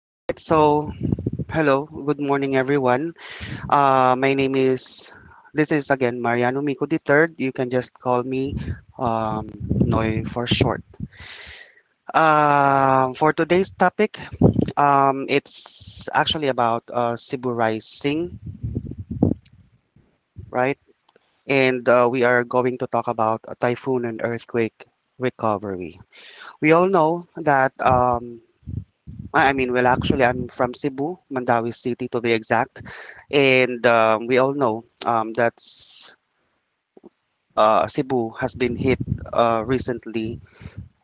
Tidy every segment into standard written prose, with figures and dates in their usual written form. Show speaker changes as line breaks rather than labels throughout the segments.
All right, so hello, good morning, everyone. Uh, my name is, this is again Mariano Mico the third. You can just call me Noy for short. For today's topic, it's actually about Cebu Rising, right? And we are going to talk about a typhoon and earthquake recovery. We all know that I mean, well, actually, I'm from Cebu, Mandawi City to be exact. And we all know that Cebu has been hit recently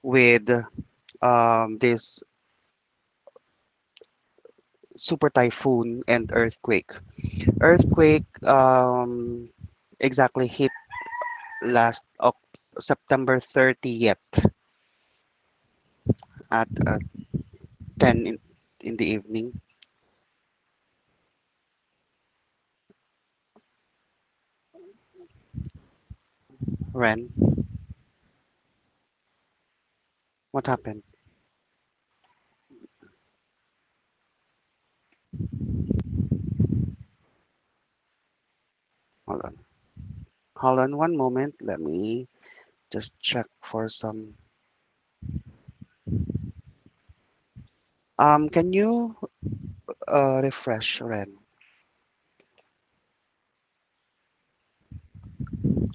with this super typhoon and earthquake. Earthquake exactly hit last Oc September 30th at 10 in the evening. Ren, what happened? Hold on. Hold on one moment. Let me just check for some. Can you refresh, Ren?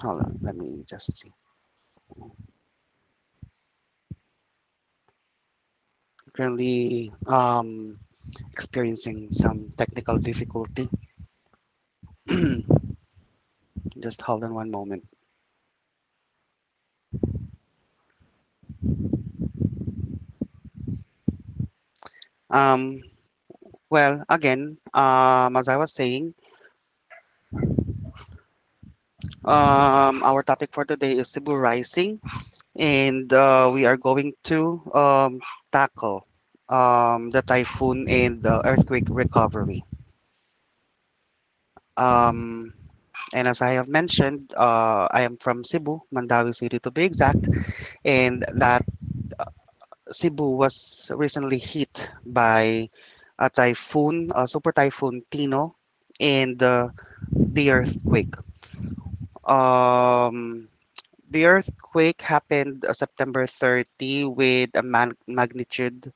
Hold on, let me just see. Currently experiencing some technical difficulty. Just hold on one moment. Um, well, again, as I was saying, our topic for today is Cebu Rising, and we are going to tackle the typhoon and the earthquake recovery. Um, And as I have mentioned, I am from Cebu, Mandawi City to be exact, and that Cebu was recently hit by a typhoon, a super typhoon Tino, and the earthquake. Um, the earthquake happened September 30 with a magnitude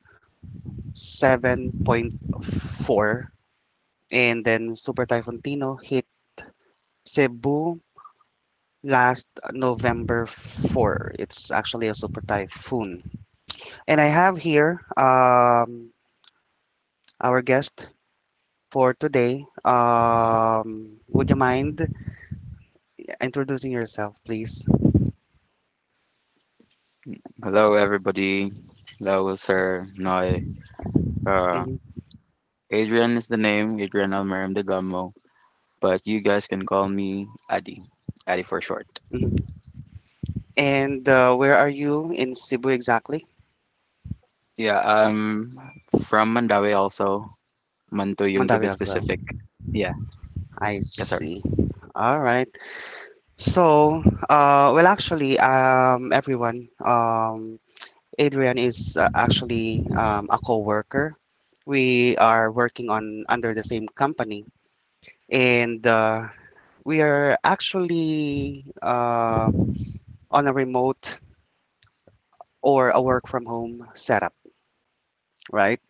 7.4, and then super typhoon Tino hit Cebu last November 4. It's actually a super typhoon. And I have here our guest for today. Would you mind introducing yourself, please?
Hello, everybody. Hello, Sir Noy. Uh,
Hmm.
Adrian is the name, Adrian Almerim de Gamo, but you guys can call me Adi, Adi for short.
Hmm. And where are you in Cebu exactly?
Yeah, I'm from Mandawi also, Mantuyung to
Mandawi
be
as well.
specific. Yeah,
I
yes, sir.
see. All right. So, well, actually, everyone, Adrian is actually a co-worker. We are working on under the same company, and we are actually on a remote or a work from home setup, right?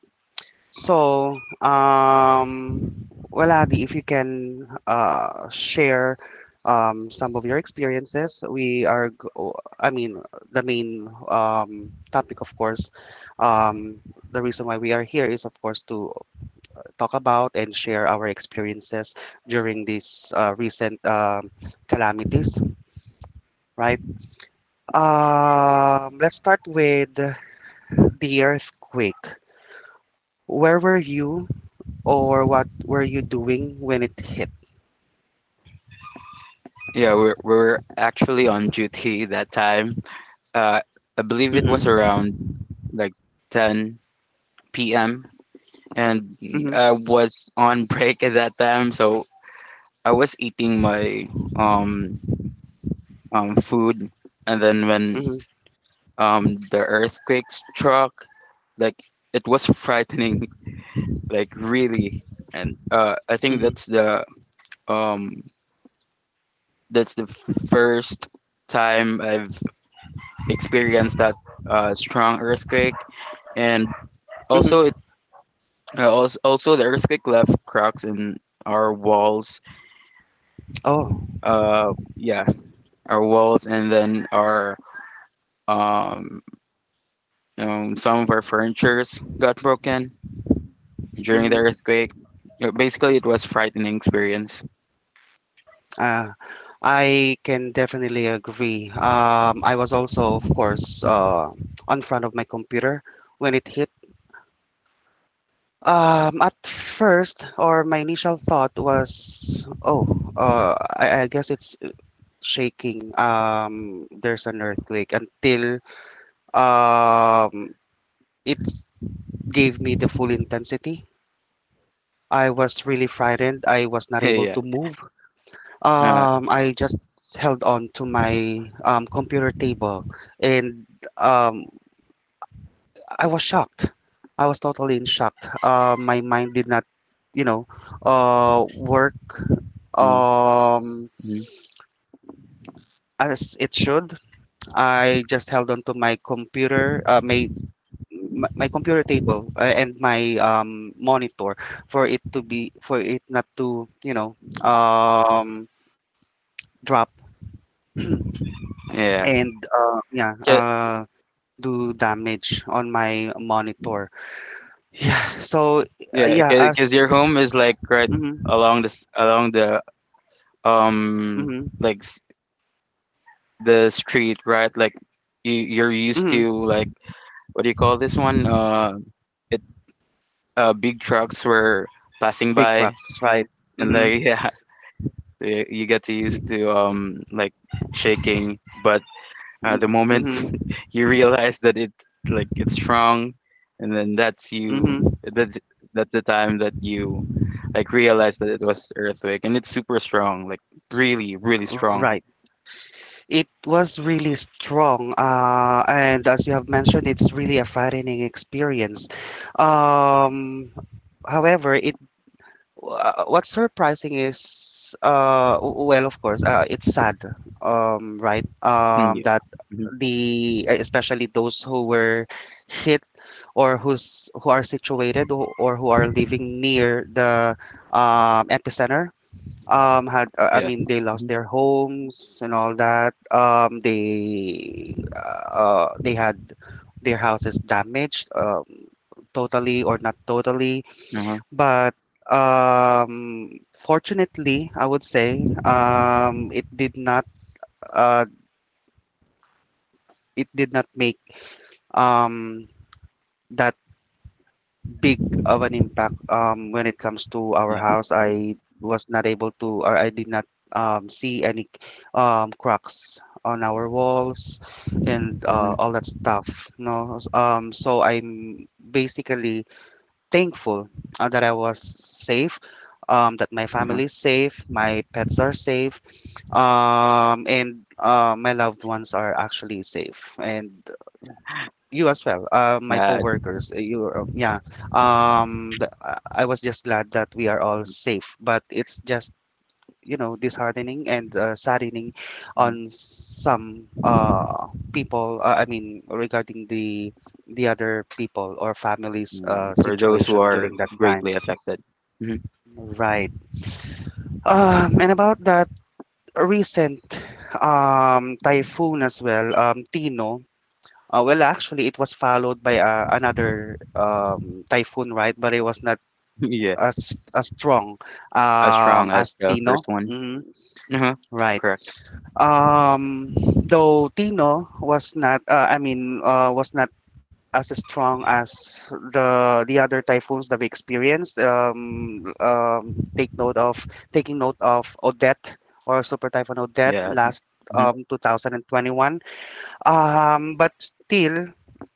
So, well, Adi, if you can share some of your experiences, we are, I mean, the main topic, of course, um, the reason why we are here is, of course, to talk about and share our experiences during these recent calamities, right? Let's start with the earthquake. Where were you, or what were you doing when it hit?
Yeah, we're actually on duty that time. Uh, I believe it was
Mm-hmm.
around like 10 p.m. And
Mm-hmm.
I was on break at that time, so I was eating my um food. And then when
Mm-hmm.
um, the earthquake struck, like it was frightening, like really. And I think
Mm-hmm.
that's um, the first time I've experienced that strong earthquake. And also,
Mm-hmm.
also the earthquake left cracks in our walls.
Oh.
Yeah, our walls, and then our um, some of our furnitures got broken during the
Mm-hmm.
earthquake. Basically, it was frightening experience.
Uh, I can definitely agree. I was also, of course, on front of my computer when it hit. At first, or my initial thought was, oh, I guess it's shaking. There's an earthquake until um, it gave me the full intensity. I was really frightened. I
Yeah.
was not able to move.
Uh,
I just held on to my computer table and um, I was shocked. I was totally in shock. My mind did not, you know, work
mm,
um,
mm.
as it should. I just held on to my computer, my computer table and my monitor for it to be for it not to um, drop
Yeah.
and yeah,
'Ca-
do damage on my monitor. Yeah, so
Yeah.
yeah,
Because your home is
as
like right
mm-hmm,
along the um
mm-hmm,
like the street, right? Like you're used
mm-hmm,
to like what do you call this one? It Big trucks were passing
big
by,
trucks, right?
and
Mm-hmm,
like yeah, you get to used to like shaking, but the moment
mm-hmm,
you realize that it like it's wrong, and then that's you.
mm-hmm,
That's that's the time that you like realize that it was earthquake, and it's super strong, like really, really strong.
right. It was really strong, and as you have mentioned, it's really a frightening experience. Um, however, it what's surprising is well, of course, it's sad right,
Mm, yeah.
that
Hmm.
especially those who were hit, or who are situated, or who are living near the epicenter had I
Yeah.
mean, they lost
Hmm.
their homes and all that they had their houses damaged, totally or not totally,
Uh-huh.
but um, fortunately, I would say uh, it did not make um, that big of an impact when it comes to our
Yeah.
house.
Hmm.
I was not able to, or I did not see any cracks on our walls and
Hmm.
all that stuff. No, so I'm basically thankful that I was safe, that my family
Uh-huh.
is safe, my pets are safe, and my loved ones are actually safe, and you as well, my
Yeah.
coworkers. You, yeah. The, I was just glad that we are all safe, but it's just disheartening and saddening
Hmm.
on some people. I mean, regarding the other people or families'
Yeah. For those who
situation
are
during that time.
greatly affected. Hmm.
Right. And about that recent typhoon as well, Tino. Well, actually, it was followed by another typhoon, right? But it was not
Yeah.
as strong
As strong as
as
the first
Tino.
one.
Mhm.
Uh-huh.
Right.
Correct.
Um, though Tino was not, I mean, was not as strong as the other typhoons that we experienced. Take note of Taking note of Odette, or Super Typhoon Odette,
Yeah.
last
Hmm.
2021. But still,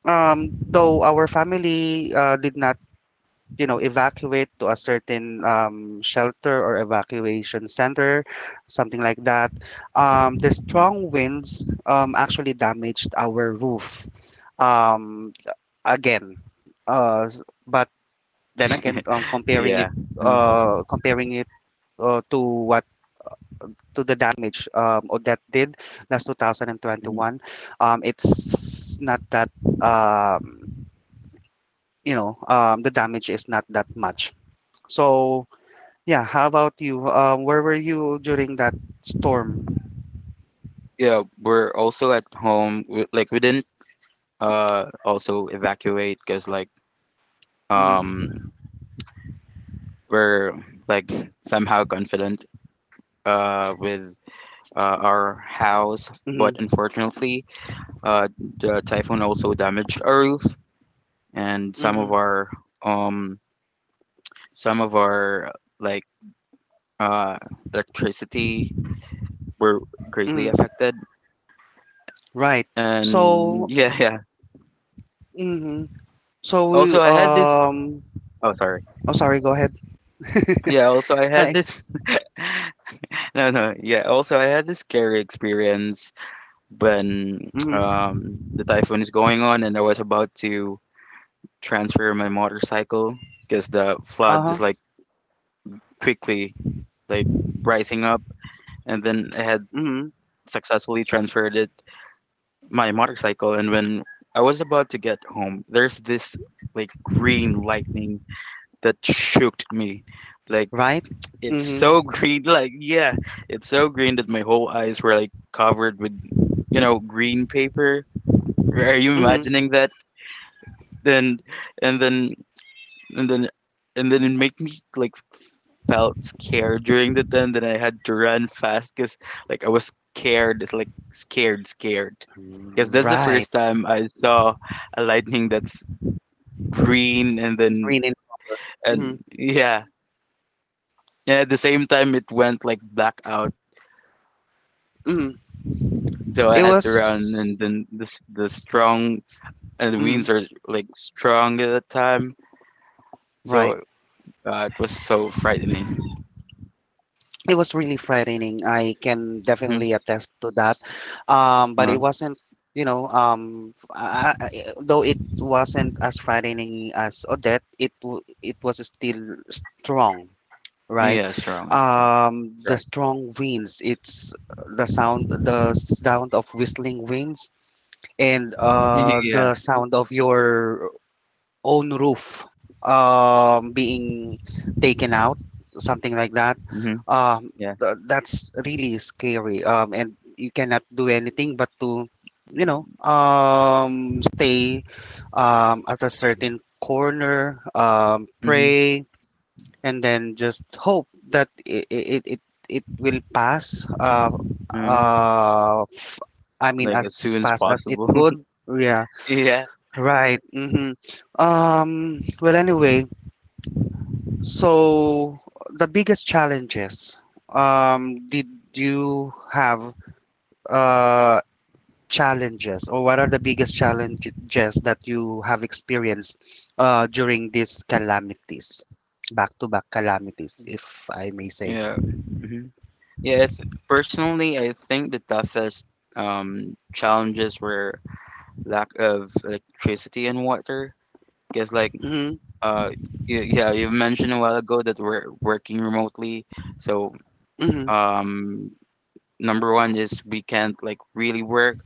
though our family did not evacuate to a certain shelter or evacuation center, something like that, the strong winds actually damaged our roof um, again. But then again,
Yeah. Mm-hmm.
comparing it to what, to the damage Odette did last 2021, it's not that um, the damage is not that much. So yeah, how about you? Where were you during that storm?
Yeah, we're also at home. We, like we didn't also evacuate because like
Mm-hmm.
um we're like somehow confident with our house,
Mm-hmm.
but unfortunately uh the typhoon also damaged our roof, and
Mm-hmm.
um some of our like uh electricity were greatly
Mm-hmm.
affected.
Right.
And
So
yeah, yeah.
mm-hmm. So we
Also, I had this. Oh, sorry.
oh, sorry, go ahead.
Yeah, also I had
Hi.
this. No, no, yeah. Also, I had this scary experience when
Mm-hmm.
um, the typhoon is going on, and I was about to transfer my motorcycle because the flood is
Uh-huh.
like quickly like rising up, and then I had
Mhm.
successfully transferred it, my motorcycle. And when I was about to get home, there's this like green lightning that shook me, like
Right?
It's
Mhm.
so green, like yeah, it's so green that my whole eyes were like covered with, green paper. Are you
Mhm.
imagining that? Then and then and then then it made me like felt scared during the time that I had to run fast because like I was scared. It's like scared, scared. Because that's the
Right.
first time I saw a lightning that's green, and then
Green in color. Mhm.
and yeah. And at the same time it went like black out,
Mhm.
so I
It
had to run, and
was.
then the strong and the
Mhm.
winds are like strong at that time, so
Right.
uh, it was so frightening.
It was really frightening. I can
Hmm.
definitely attest to that. But it
Uh,
wasn't, you know, though it wasn't as frightening as Odette, it was still strong, right?
yeah, strong, strong,
The
correct.
strong winds, it's the sound of whistling winds, and
Yeah.
the sound of your own roof being taken out, something like that.
Hmm.
Um,
Yeah.
that's really scary, and you cannot do anything but to, you know, stay at a certain corner,
Hmm.
pray, and then just hope that it will pass.
uh,
Uh, f- I mean,
like as
as
soon as
fast as it
possible.
could. Yeah.
Yeah.
Right. Hmm. Well, anyway, so the biggest challenges. Did you have uh, challenges, or what are the biggest challenges that you have experienced during these calamities, back-to-back calamities, if I may
Mm-hmm.
say?
Yeah. Hmm. Yes. Personally, I think the toughest challenges were lack of electricity and water, because like
Mm-hmm.
Uh, yeah, you mentioned a while ago that we're working remotely. So,
Mm-hmm.
um, number one is we can't like really work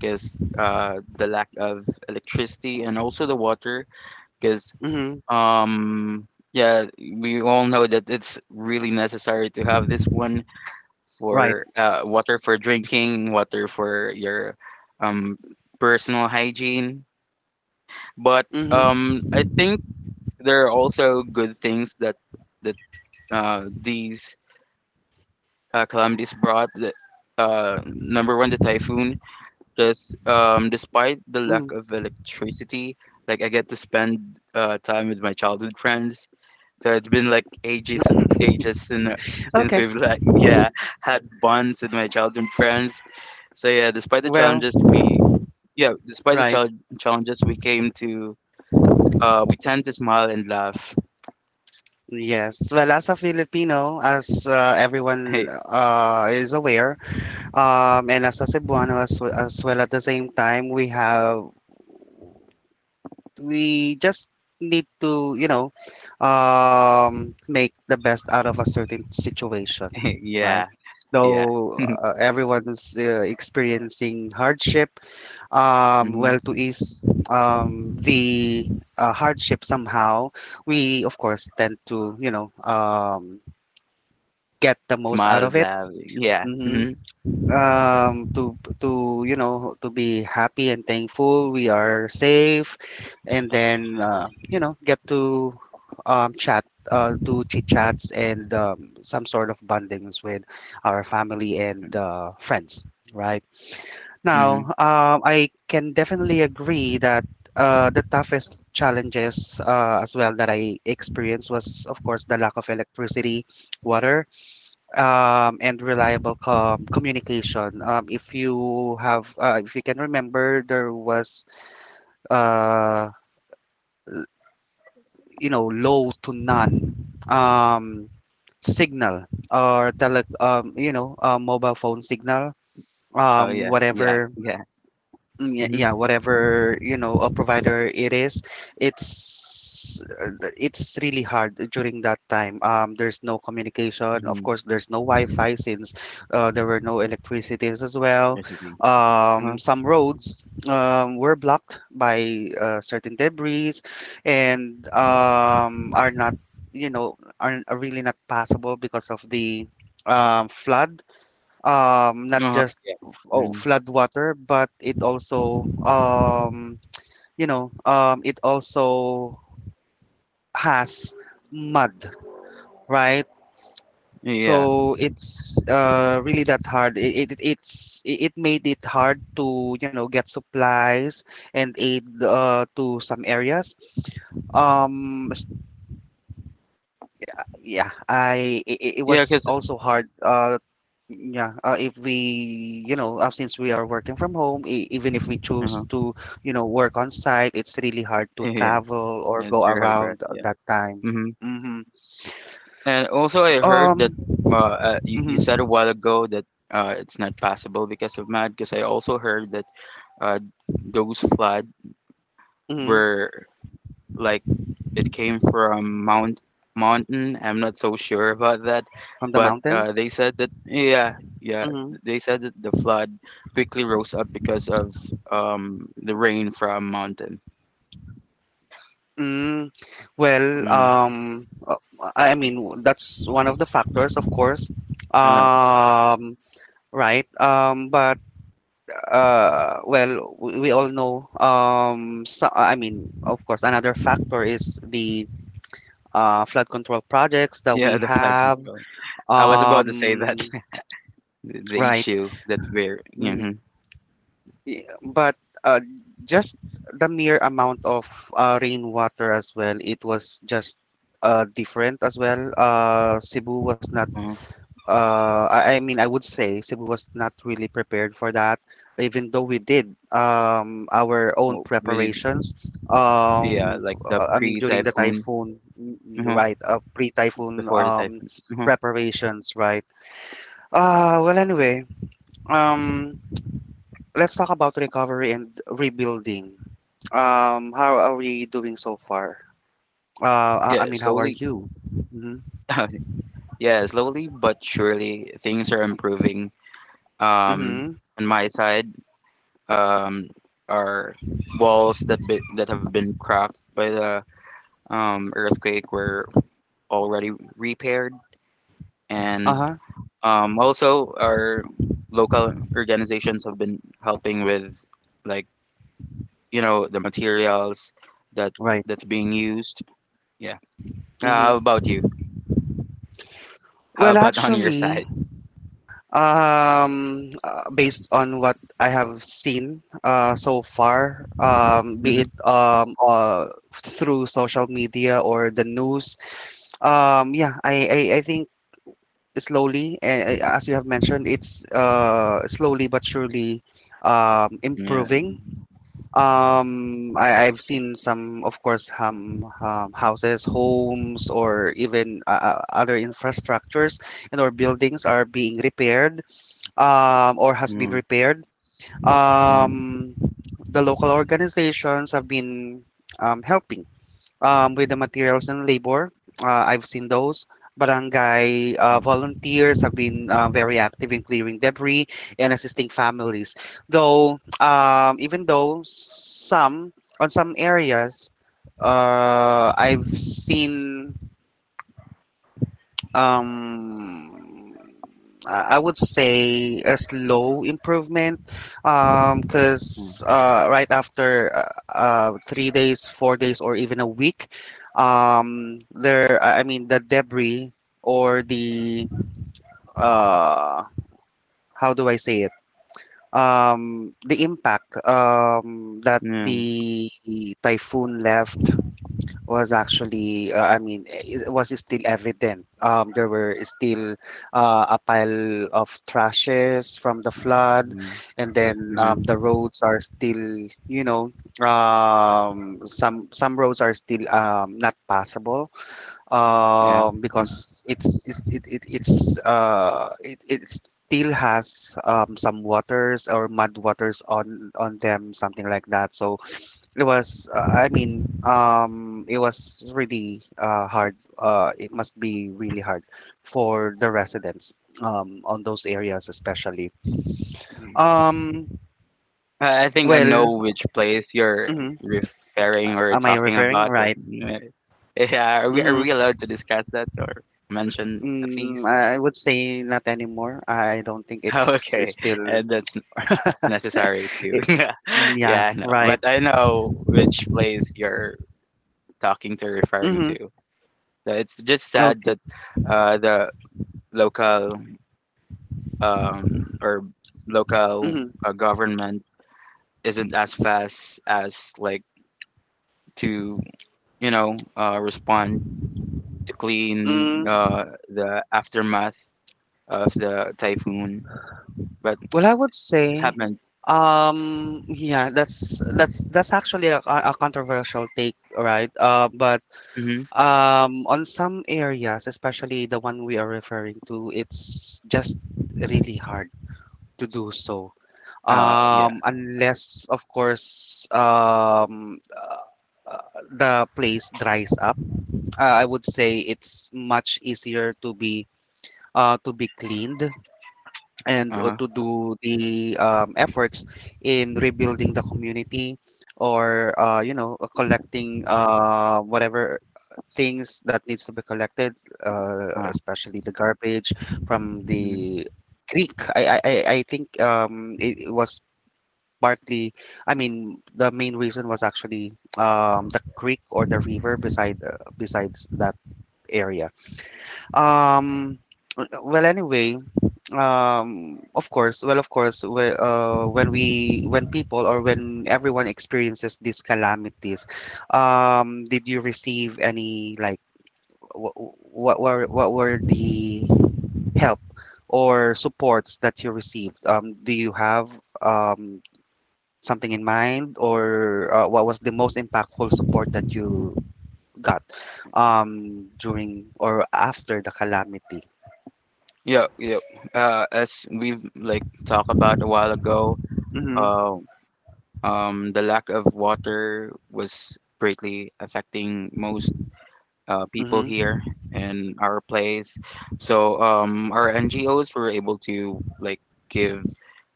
because the lack of electricity and also the water. Because
Mm-hmm.
um, yeah, we all know that it's really necessary to have this one
Right.
for water for drinking, water for your um, personal hygiene. But
Mm-hmm.
I think there are also good things that that these calamities brought. Number one, the typhoon. Just despite the lack
Mm-hmm.
of electricity, like I get to spend time with my childhood friends. So it's been like ages, ages since
Okay.
we've like yeah had bonds with my childhood friends. So yeah, despite the
Well.
challenges we yeah despite the
Right.
chal- challenges we came to, we tend to smile and laugh.
Yes. Well, as a Filipino, as everyone is aware, and as a Cebuano as, as well at the same time, we just need to, you know, make the best out of a certain situation,
Yeah,
right?
yeah.
Though everyone's experiencing hardship, well, to ease the hardship somehow, we of course tend to, you know, get the most out of
Smiled,
it.
laughing. Yeah.
Hmm.
Mhm.
To you know to be happy and thankful we are safe, and then get to chat, do chit chats and some sort of bondings with our family and
Mm,
friends. Right now,
mhm.
I can definitely agree that the toughest challenges as well that I experienced was, of course, the lack of electricity, water, and reliable communication. If you have, if you can remember, there was, uh, you know, low to none um, signal or tele, mobile phone signal,
Oh, yeah. Yeah.
whatever.
Yeah.
Mm, yeah,
Mhm.
yeah, whatever, you know, a provider it is, it's it's really hard during that time. There's no communication. Of
Mhm.
course, there's no Wi-Fi since there were no electricities as well.
That's the thing. Uh-huh.
Some roads were blocked by certain debris and are not, you know, are really not passable because of the flood, not
Uh-huh.
just
Yeah.
oh,
Mhm.
flood water, but it also, it also has mud, right?
Yeah.
So it's really that hard. It made it hard to get supplies and aid to some areas. Um, s- yeah, it
because
was
'cause
also hard. Yeah, if we, you know, since we are working from home, e even if we choose
uh-huh.
to, you know, work on site, it's really hard to
Yeah.
travel or
Yeah. It's
go
very hard for us.
around
Yeah.
that time.
Mhm.
Mm-hmm.
And also, I heard that
Um,
uh, you
mm-hmm.
said a while ago that it's not possible because of mud. Because I also heard that uh those flood
Mm-hmm.
were like it came from Mountain. I'm not so sure about that,
From the
but
mountains?
they said that yeah, yeah,
Mm-hmm.
they said that the flood quickly rose up because of the rain from mountain.
Mm, well,
Mm.
I mean, that's one of the factors, of course.
Uh,
Um, right. But well, we all know. So, I mean, of course, another factor is the flood control projects that we
yeah, the flood
have.
control. I was about to say that
Um,
the
right.
issue that we're
Mm,
mm-hmm,
y- But uh, just the mere amount of rainwater as well, it was just different as well. Cebu was not
uh
I mean, I would say Cebu was not really prepared for that, even though we did our own
well, we did,
preparations.
yeah
Um,
like the
I mean,
pre
during the
typhoon
typhoon, you
uh
right? Pre-typhoon
before the typhoon. uh
preparations, right? Well, anyway, um, let's talk about recovery and rebuilding. How are we doing so far? I
yeah
mean, how are
Slowly.
you? Mm-hmm.
Yeah, slowly but surely, things are improving. Um,
Mm-hmm.
on my side, um, are walls that have been cracked by the earthquake, were already repaired, and
Uh-huh.
also our local organizations have been helping with like the materials that
Right.
that's being used. Yeah. How
Mm-hmm.
about you? How
Well,
about on your
actually,
side?
Based on what I have seen so far, be
Mm-hmm.
it through social media or the news, yeah, I think slowly, as you have mentioned, it's slowly but surely
Yeah.
improving. I've seen some, of course, houses, homes, or even other infrastructures and or buildings are being repaired, or has been
Mm-hmm.
repaired.
Mm-hmm.
Um, the local organizations have been helping with the materials and labor. I've seen those. Barangay volunteers have been very active in clearing debris and assisting families. Though, even though some, on some areas, I've seen, um I would say, a slow improvement, because right after, 3 days, 4 days, or even a week. Um there I mean the debris, or the, uh how do I say it, the impact that
Mm-hmm. Mm-hmm. Yeah.
the typhoon left was actually, I mean, it was still evident. There were still a pile of trashes from the flood,
Mm-hmm.
and then
Mm-hmm.
the roads are still, you know, some roads are still not passable,
Yeah.
because it's it, it, it's still has some waters or mud waters on them, something like that. So it was, I mean, it was really hard. It must be really hard for the residents on those areas especially.
Mm-hmm.
um
I think I know
well,
which place you're
mhm.
referring or
Am I
talking
referring
about, but
right?
uh, yeah, are we are
Hmm.
we allowed to discuss that or mention at
mm,
least?
i would say not anymore. I don't think it's
Okay,
still.
and that's necessary too.
It
Yeah,
yeah,
yeah, I know,
right.
but I know which place you're talking to, referring
Hmm.
to. So it's just sad
Okay.
that the local um, or local
Hmm.
uh, government isn't as fast as like to respond to clean
Mm.
the aftermath of the typhoon, but
Well, I would
it
say,
happened.
yeah, that's actually a controversial take, right? But
Hmm.
on some areas, especially the one we are referring to, it's just really hard to do so.
Yeah.
Unless, of course, uh, the place dries up. I would say it's much easier to be, to be cleaned, and
Uh-huh.
to do the efforts in rebuilding the community, or collecting whatever things that needs to be collected,
Uh-huh.
especially the garbage from
Hmm.
the creek. I think it was partly, I mean, the main reason was actually the creek or the river beside, besides that area. um well, anyway, of course, well, of course, when we, when people or when everyone experiences these calamities, did you receive any, like, what were the help or supports that you received? Do you have um something in mind, or what was the most impactful support that you got during or after the calamity?
Yeah. Yeah. As we've like talked about a while ago,
Mm-hmm.
uh, the lack of water was greatly affecting most people
Mm-hmm.
here in our place. So our NGOs were able to like give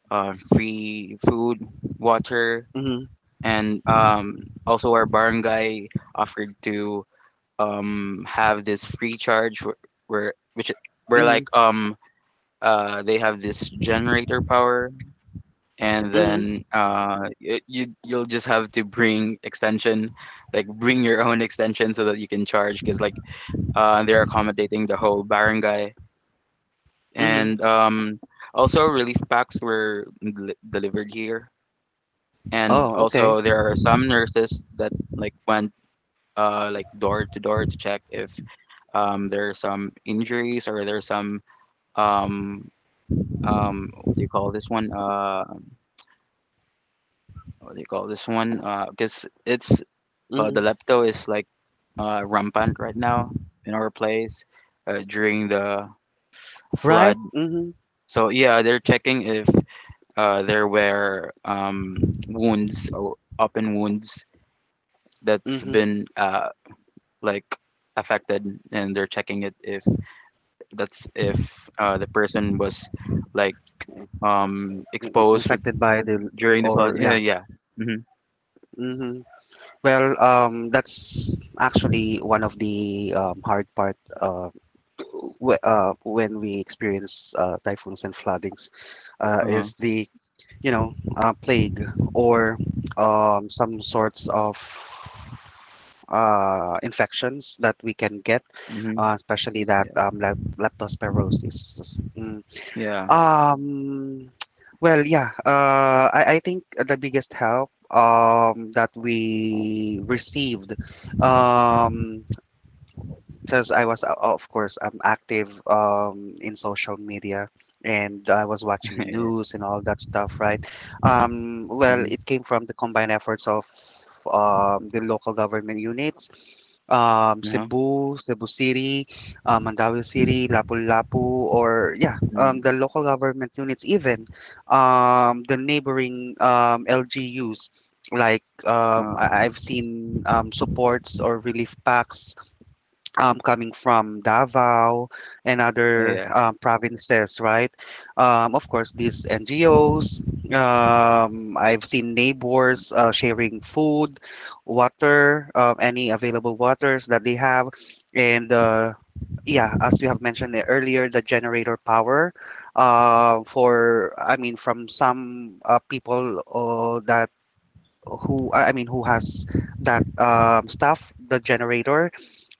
free food, water,
Mm-hmm.
and also our barangay offered to have this free charge where which where
Mm-hmm.
like um uh, they have this generator power, and
Mm-hmm.
then you'll just have to bring extension, like bring your own extension so that you can charge, because like they're accommodating the whole barangay.
Mm-hmm.
And also relief packs were delivered here, and
Oh, okay.
also there are some nurses that like went like door to door to check if there are some injuries or there's some um, what do you call this one? What do you call this one? Because it's the
Mhm.
lepto is like rampant right now in our place during the flood.
Right? Mhm.
So yeah, they're checking if there were wounds or open wounds that's
Mhm.
been like affected, and they're checking it if the person was like exposed with,
Infected by the,
during the flood.
or
Yeah,
yeah.
yeah. Mhm.
Mhm. Well, that's actually one of the hard part, when we experience typhoons and floodings,
Uh-huh.
is the, plague, or some sorts of infections that we can get,
Mhm.
especially that
Yeah.
leptospirosis. Mm.
Yeah.
Um, well, yeah, I think the biggest help that we received, um, because of course, I'm active in social media, and I was watching
Yeah.
news and all that stuff, right? Well,
Mhm.
it came from the combined efforts of the local government units,
Uh-huh.
Cebu, Cebu City, Mandawi City, Lapu-Lapu, or yeah, the
Mm.
local government units, even the neighboring LGUs. Like,
Um,
I've seen supports or relief packs coming from Davao and other
yeah.
provinces, right? Of course, these NGOs, I've seen neighbors sharing food, water, any available waters that they have. And yeah, as you have mentioned earlier, the generator power, I mean, from some people that who, I mean, who has that stuff, the generator.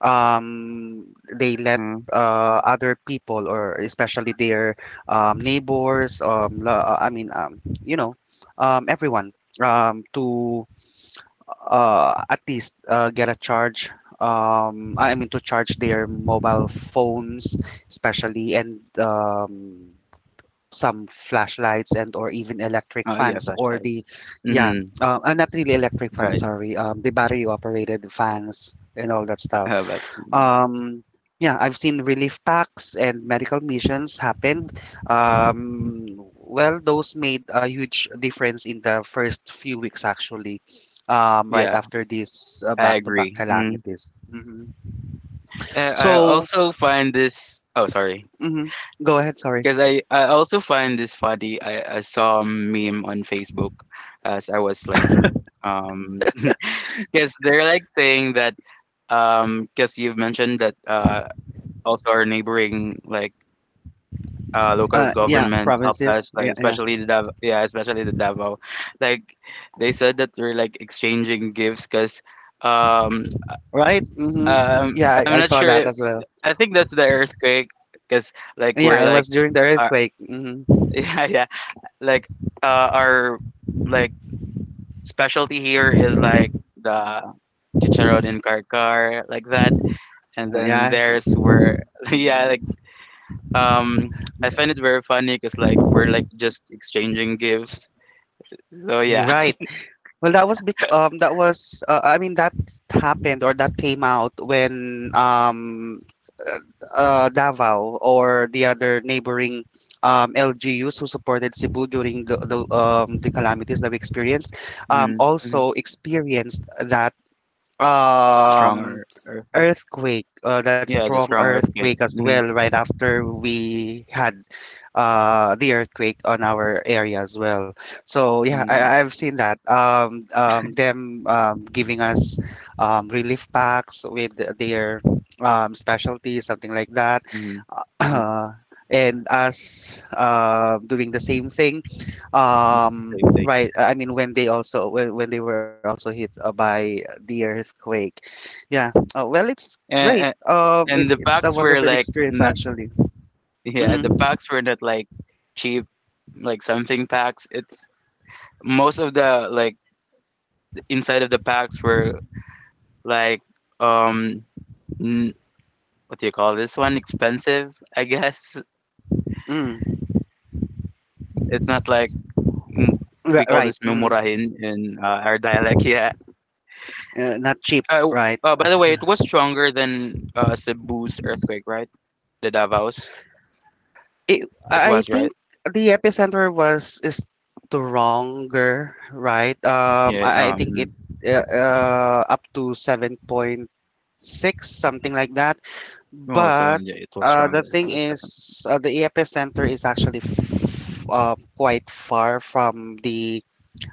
Um, they let
Uh,
other people, or especially their neighbors, I mean, everyone, to at least get a charge. I mean, to charge their mobile phones especially, and some flashlights, and or even electric
yeah,
fans, or
flashlight.
the yeah.
Mhm.
Not really electric fans,
Right.
sorry. The battery operated fans and all that stuff.
But
um yeah, I've seen relief packs and medical missions happen. um well, those made a huge difference in the first few weeks actually, right
yeah,
after these
I
back-to-back
agree. Mhm.
calamities. Hmm.
I
So,
also find this. Oh, sorry.
mhm. Go ahead, sorry.
Because I also find this funny. I saw a meme on Facebook as I was like um because they're like saying that because you've mentioned that also our neighboring like local
Yeah,
government helped us,
provinces,
like
yeah, yeah.
especially the Davao. Like they said that we're like exchanging gifts because um,
Right? Mm-hmm.
um,
Yeah, I,
I'm
I
not
saw
sure.
that
If,
as well.
I think that's the earthquake because like we're
Yeah, it was during the
uh,
earthquake. Hmm.
yeah yeah like our like specialty here is like the chicharron in karkar like that, and then
Yeah,
theirs were yeah. Um, I find it very funny because like we're like just exchanging gifts. So
you're
yeah.
right. Well, that was that was, I mean, that happened, or that came out, when uh, Davao or the other neighboring LGUs who supported Cebu during the calamities that we experienced
Mm-hmm. Hmm.
also experienced that um
stronger, earth.
earthquake, that
Yeah, the
strong
strong earthquake.
earthquake as
Mm-hmm,
well, right after we had the earthquake on our area as well. So yeah,
mm-hmm,
I've seen that. Them giving us relief packs with their specialty, something like that.
mm-hmm. Mm.
Uh, and us doing the same thing, right, I mean, when they also, when they were also hit by the earthquake. Yeah. Oh, well, it's great.
And, and and the
It's a
packs were
wonderful
like
experience,
not,
actually.
yeah, the
Mm,
packs were not like cheap, like something packs. It's most of the like inside of the packs were like um n- what do you call this one? Expensive, I guess.
mm,
It's not like m- we call this
right.
memurahin in our dialect. Yeah.
Not
Uh,
cheap,
w-
right?
uh, by the way, it was stronger than Cebu's earthquake, right? The Davos. It
I
was
think
right.
the epicenter was stronger, right?
Yeah.
I think it up to 7.6, something like that.
No, so
But
yeah, it was
the
stronger. It
thing
was definitely.
is, the epicenter is actually quite far from the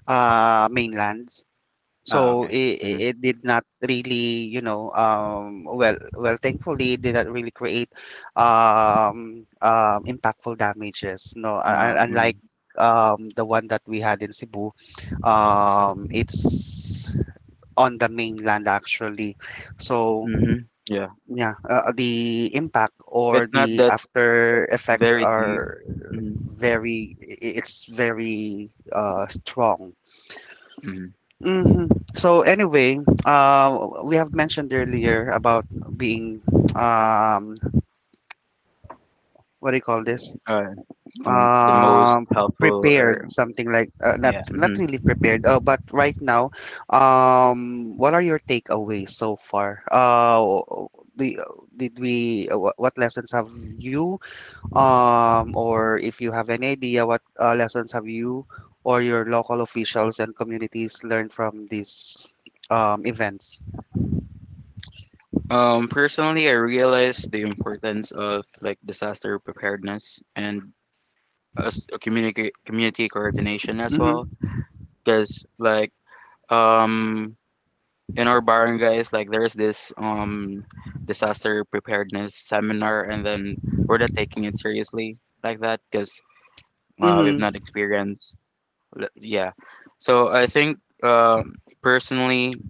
mainland.
Ah,
So
okay. Mm-hmm.
it did not really, well, well, thankfully, it did not really create impactful damages. No,
Uh, mm-hmm.
unlike the one that we had in Cebu, it's on the mainland actually. So
Mm-hmm. Yeah.
yeah, the impact or
It's not
the
that
after effects
very deep.
are
Mm-hmm.
it's very strong.
Mm-hmm.
Hmm. So anyway, we have mentioned earlier about being, um, what do you call this?
Uh, the most
Um,
helpful
Prepared,
or
something like, not
yeah.
not
Mm-hmm.
really prepared. But right now, what are your takeaways so far? The, did we wh- What lessons have you, or if you have any idea what lessons have you or your local officials and communities learned from these events?
Personally, I realized the importance of like disaster preparedness and as a community coordination as well,
Mm-hmm.
because like um in our barangays, like there's this disaster preparedness seminar, and then we're not taking it seriously like that, because we've
Mm-hmm.
not experienced yeah. So I think um personally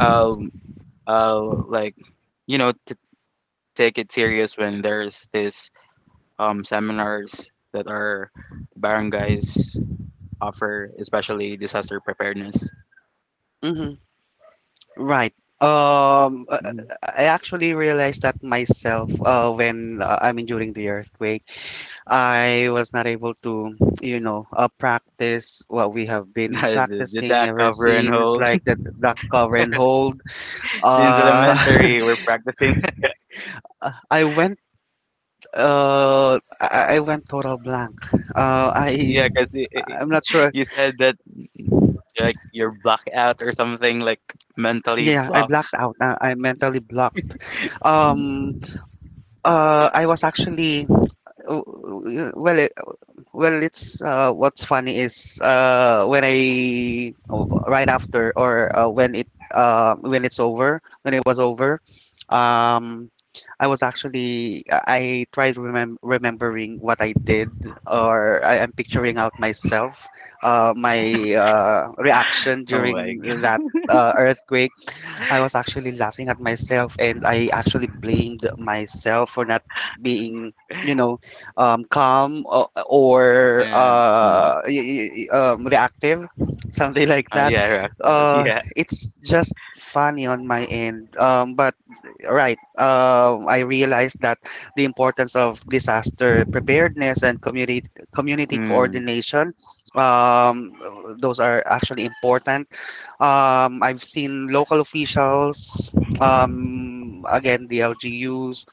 i'll I'll like to take it serious when there's this seminars that are barangays offer, especially disaster preparedness.
Mm-hmm. Right. Um, uh, uh,
Mhm.
I actually realized that myself when, I mean, during the earthquake, I was not able to, practice what we have been
the did
practicing
that
ever
cover and
since,
hold?
like the duck cover and hold.
Since
Uh,
elementary, we're practicing.
I went. I went total blank. Uh, I
Yeah, because
I'm not sure.
you said that like you're blocked out or something, like mentally
Yeah, I
blocked.
blacked out. I mentally blocked. Um, I was actually, well well it's, what's funny is, when I, right after, or when it, when it's over, when it was over, um, I tried remembering what I did, or I am picturing out myself, my reaction
Oh my
during
god.
that earthquake. I was actually laughing at myself, and I actually blamed myself for not being, you know, calm, or, or
Uh, mm.
uh, y- y- um, reactive, something like that.
Yeah, Roxel.
Uh,
Yeah.
it's just funny on my end. But right, I realized that the importance of disaster preparedness and community
Mm,
coordination. Um, those are actually important. I've seen local officials, again the LGUs,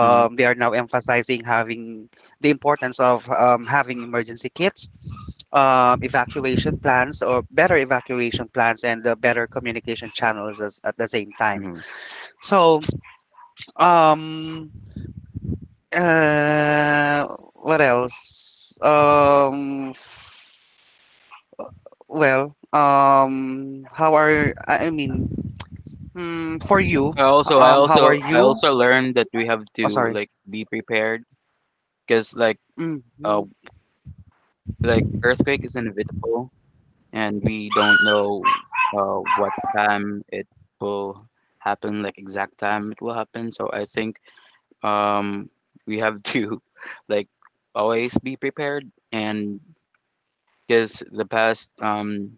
mm,
they are now emphasizing having the importance of, having emergency kits, evacuation plans, or better evacuation plans, and the better communication channels at the same time.
mm.
So, um, uh, what else? Well, how are I mean, for you,
I also, I
how are
also, I
you?
also learned that we have
Oh,
to
sorry.
like be prepared because uh
Mm-hmm.
like earthquake is inevitable and we don't know what time it will happen, like exact time it will happen. So I think um, we have to like always be prepared, and because the past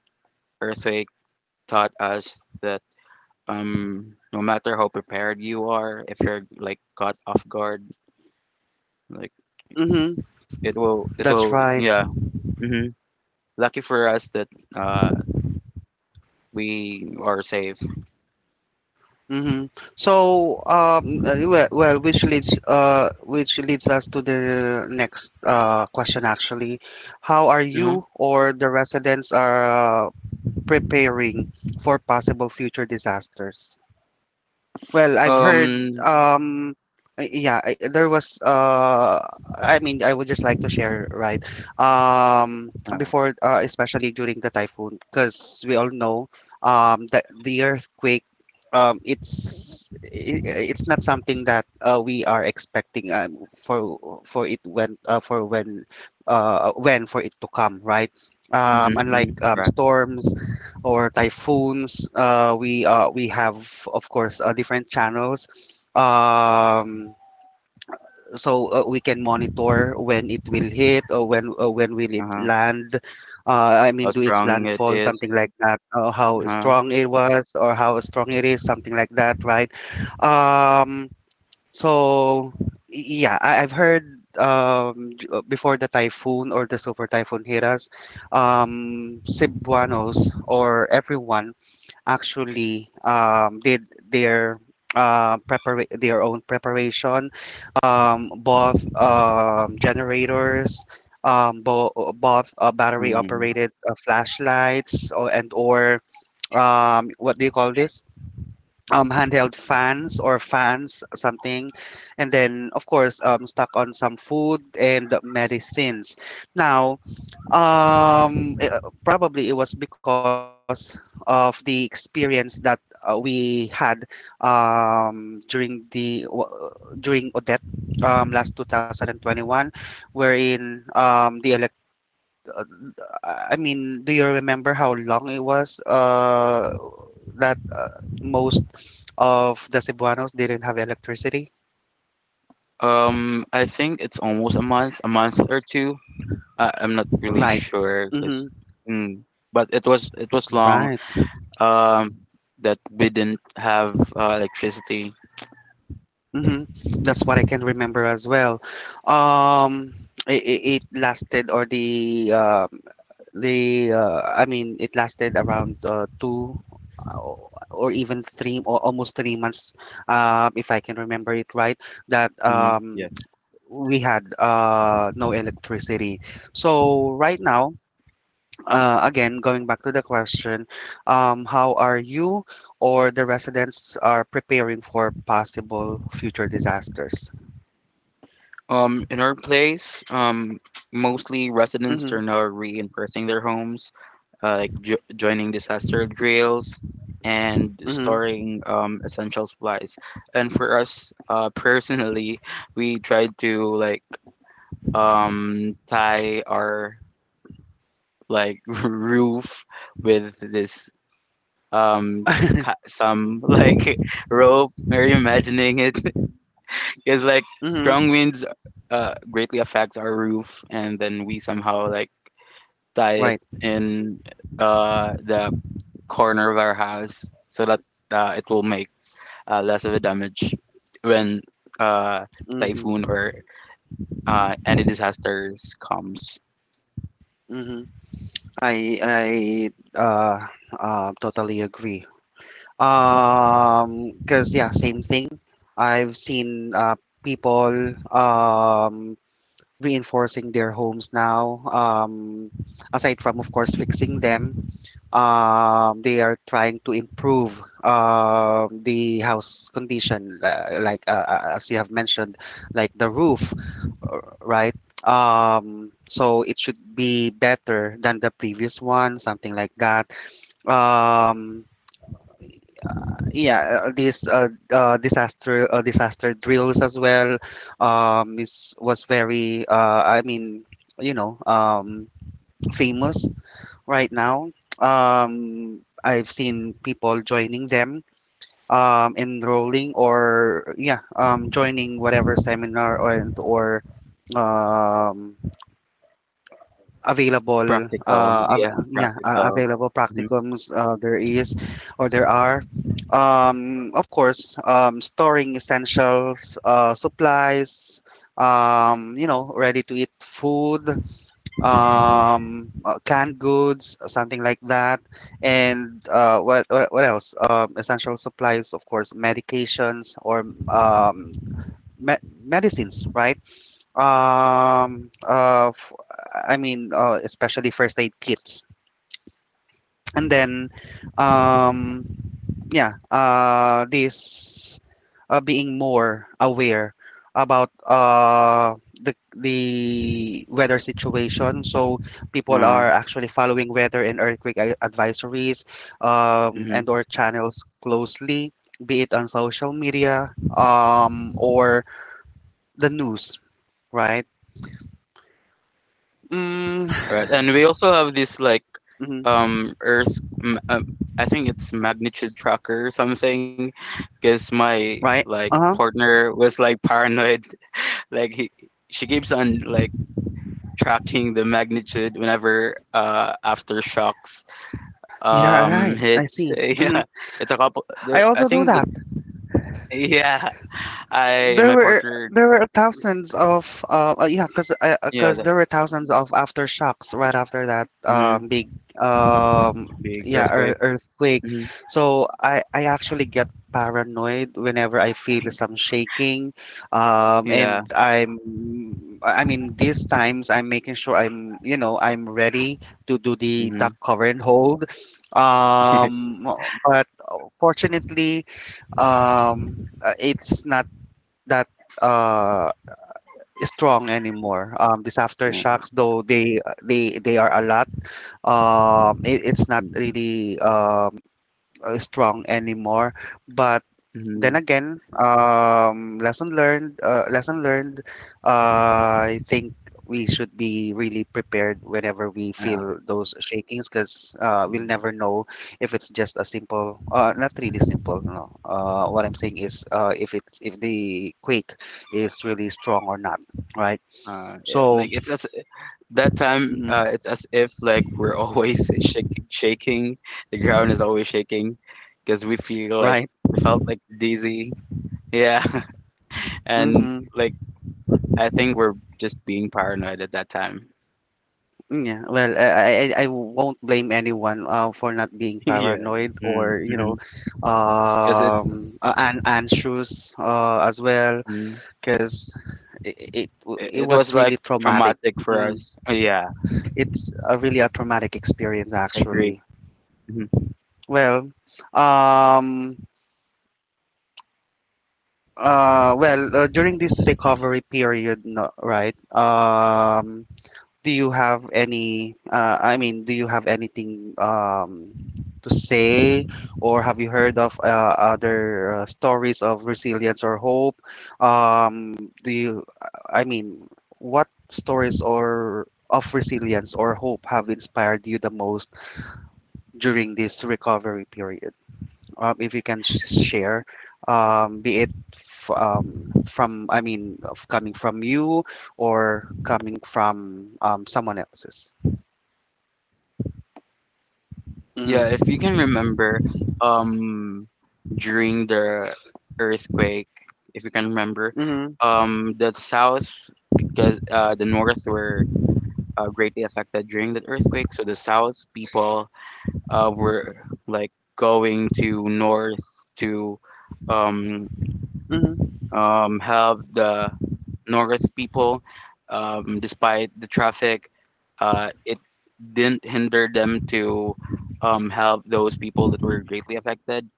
earthquake taught us that no matter how prepared you are, if you're like caught off guard, like
Mm-hmm. That's right.
yeah. Hmm. Lucky for us that uh, we are safe.
Mm-hmm. So, well, well, which leads us to the next question actually. How are
Mhm.
you, or the residents are uh, preparing for possible future disasters? Well, I've heard,
Um,
yeah, I mean, I would just like to share, right? Um,
uh,
Before, especially during the typhoon, because we all know, that the earthquake, it's, it's not something that we are expecting, for it, when, for when, when for it to come, right?
Mhm,
Unlike
mhm, correct,
storms or typhoons. We have, of course, different channels. Um, so we can monitor when it will hit, or when, when will it
uh-huh.
land. I
How
mean, do its
strong it
landfall,
is,
something like that. How
uh-huh,
strong it was or how strong it is, something like that, right? Um, so yeah, I've heard before the typhoon or the super typhoon hit us Cebuanos or everyone actually did their own preparation, both generators, both
mm.
battery operated flashlights, or, and or what do you call this? Handheld fans or fans, something, and then of course stuck on some food and medicines. Now probably it was because of the experience that we had during during Odette last 2021, wherein the elect. Uh, I mean, do you remember how long it was that most of the Cebuanos didn't have electricity?
I think it's almost a month or 2. I'm not really
Right.
sure 'cause
Mm-hmm.
mm, but it was long,
Right.
um, that we didn't have, electricity.
hmm That's what I can remember as well. Um, it lasted, or the I mean, it lasted around two, uh, or even three, or almost 3 months, if I can remember it right. That
Mhm, yeah.
we had no electricity. So right now, again, going back to the question, how are you or the residents are preparing for possible future disasters?
In our place, mostly residents are
Mhm,
now reinforcing their homes. Uh, like joining disaster drills and
mhm.
storing essential supplies. And for us personally, we tried to like tie our like roof with this um, some like rope. Are you imagining it? Because like
Mhm.
strong winds greatly affects our roof, and then we somehow like tie it
Right.
in the corner of our house so that it will make less of a damage when uh,
Mhm,
typhoon or any disasters comes.
mhm. I I, uh, totally agree. Cause yeah, same thing. I've seen people um reinforcing their homes now. Aside from of course fixing them, they are trying to improve the house condition, like as you have mentioned, like the roof, right? So it should be better than the previous one, something like that. Um, yeah, this disaster drills as well, is was very, I mean, you know um, famous right now. I've seen people joining them, enrolling or yeah, joining whatever seminar or um, available
Practical, yeah,
av- yeah
practical.
available
Mhm.
practicums there is or there are of course storing essentials supplies, ready to eat food, canned goods, something like that, and what, what else, essential supplies, of course medications or me- medicines, right? um uh f- I mean, especially first aid kits, and then um yeah, this, being more aware about the weather situation, so people
Uh,
are actually following weather and earthquake advisories and
mhm.
or channels closely, be it on social media or the news, right? mm,
Right, and we also have this like
mhm.
um Earth. m- Um, I think it's magnitude tracker or something, because my
Right?
like
Uh huh.
partner was like paranoid. Like she keeps on like tracking the magnitude whenever aftershocks.
Yeah. Right. I
It's
see.
yeah, it's a couple.
I
There, I
also do
think that
that.
yeah, I
There
my
were
partner
there were thousands of yeah, cause
yeah,
cause
that,
there were thousands of aftershocks right after that
hmm,
big, um
big earthquake.
earthquake.
Hmm.
So I actually get paranoid whenever I feel some shaking,
Yeah,
and I mean, these times I'm making sure I'm you know I'm ready to do the
hmm,
duck cover and hold, um but fortunately, it's not that uh strong anymore. These
yeah,
aftershocks, though they are a lot. It's not
mm,
really strong anymore, but then
mhm,
again, lesson learned, lesson learned. I think we should be really prepared whenever we
yeah.
feel those shakings, because we'll
Mhm.
never know if it's just a simple, not really simple, no. What I'm saying is, if the quake is really strong or not, right?
Yeah,
So,
like it's as that time.
mhm,
It's as if like we're always shaking. The ground is always shaking because
right.
we felt like dizzy. Yeah, and
Hmm.
like I think we're just being paranoid at that time.
Mm. Yeah, well, I won't blame anyone for not being
Yeah.
paranoid or
Mm-hmm. 'Cause it
and anxious as well,
mhm,
because it, it w-
it
it
it was,
was
like,
really traumatic.
traumatic for
Mm,
us. Yeah,
it's a really a traumatic experience
I agree.
actually.
Mhm.
Well, um, well, during this recovery period, no, right? Do you have any I mean do you have anything to say, or have you heard of other stories of resilience or hope? Do you I mean What stories or of resilience or hope have inspired you the most during this recovery period, if you can share, from, of, coming from you or coming from someone else's?
Yeah, if
Mhm,
you can remember, um, during the earthquake, if you can remember,
mhm,
the South, because, the North were, greatly affected during the earthquake, so the South people, were, like, going to North to, um
mhm,
help the Norris people despite the traffic. It didn't hinder them to help those people that were greatly affected.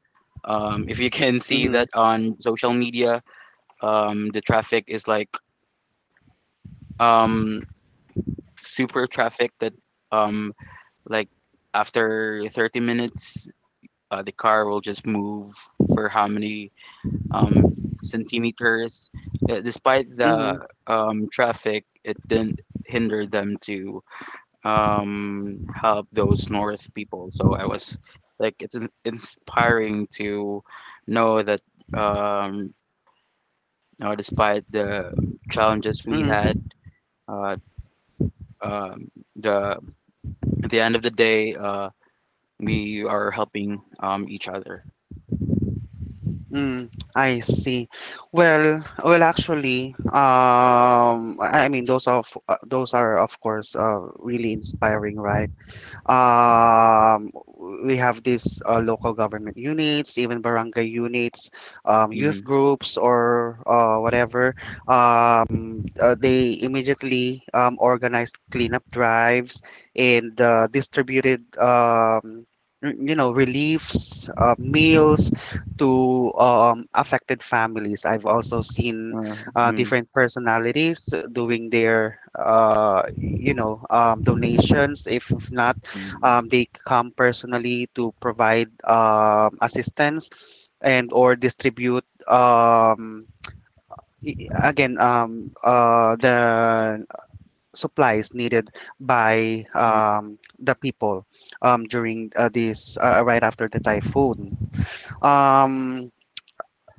If you can see
mhm,
that on social media, the traffic is like um, super traffic that um, like after 30 minutes, the car will just move for how many um, centimeters. Despite
mhm,
the traffic, it didn't hinder them to help those North people. So I was like, it's inspiring to know that, um, you know, despite the challenges we
mhm,
had, uh, um, the at the end of the day, we are helping each other.
mhm. I see. Well, well, actually, I mean, those are, of course, really inspiring, right? um, we have these local government units, even barangay units, youth
Mm-hmm.
groups, or whatever. They immediately organized cleanup drives, and distributed, reliefs, meals to affected families. I've also seen
Uh, mm
different personalities doing their, donations. If not,
mm,
they come personally to provide assistance and or distribute, again, the supplies needed by
mm,
the people during this right after the typhoon. Um,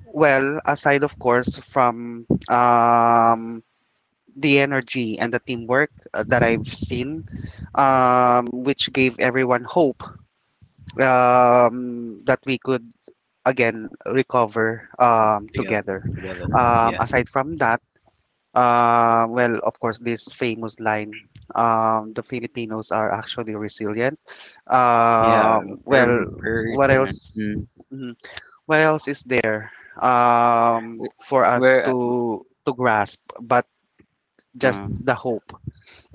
well, aside of course from the energy and the teamwork that I've seen, which gave everyone hope that we could again recover
uh, Together,
together.
together, yeah.
Aside from that, well, of course, this famous line, the Filipinos are actually resilient.
Yeah, we
Well,
very
what
resilient.
else?
Mm.
mhm, What else is there
W-
for us
We're
to grasp? But just
mm,
the hope,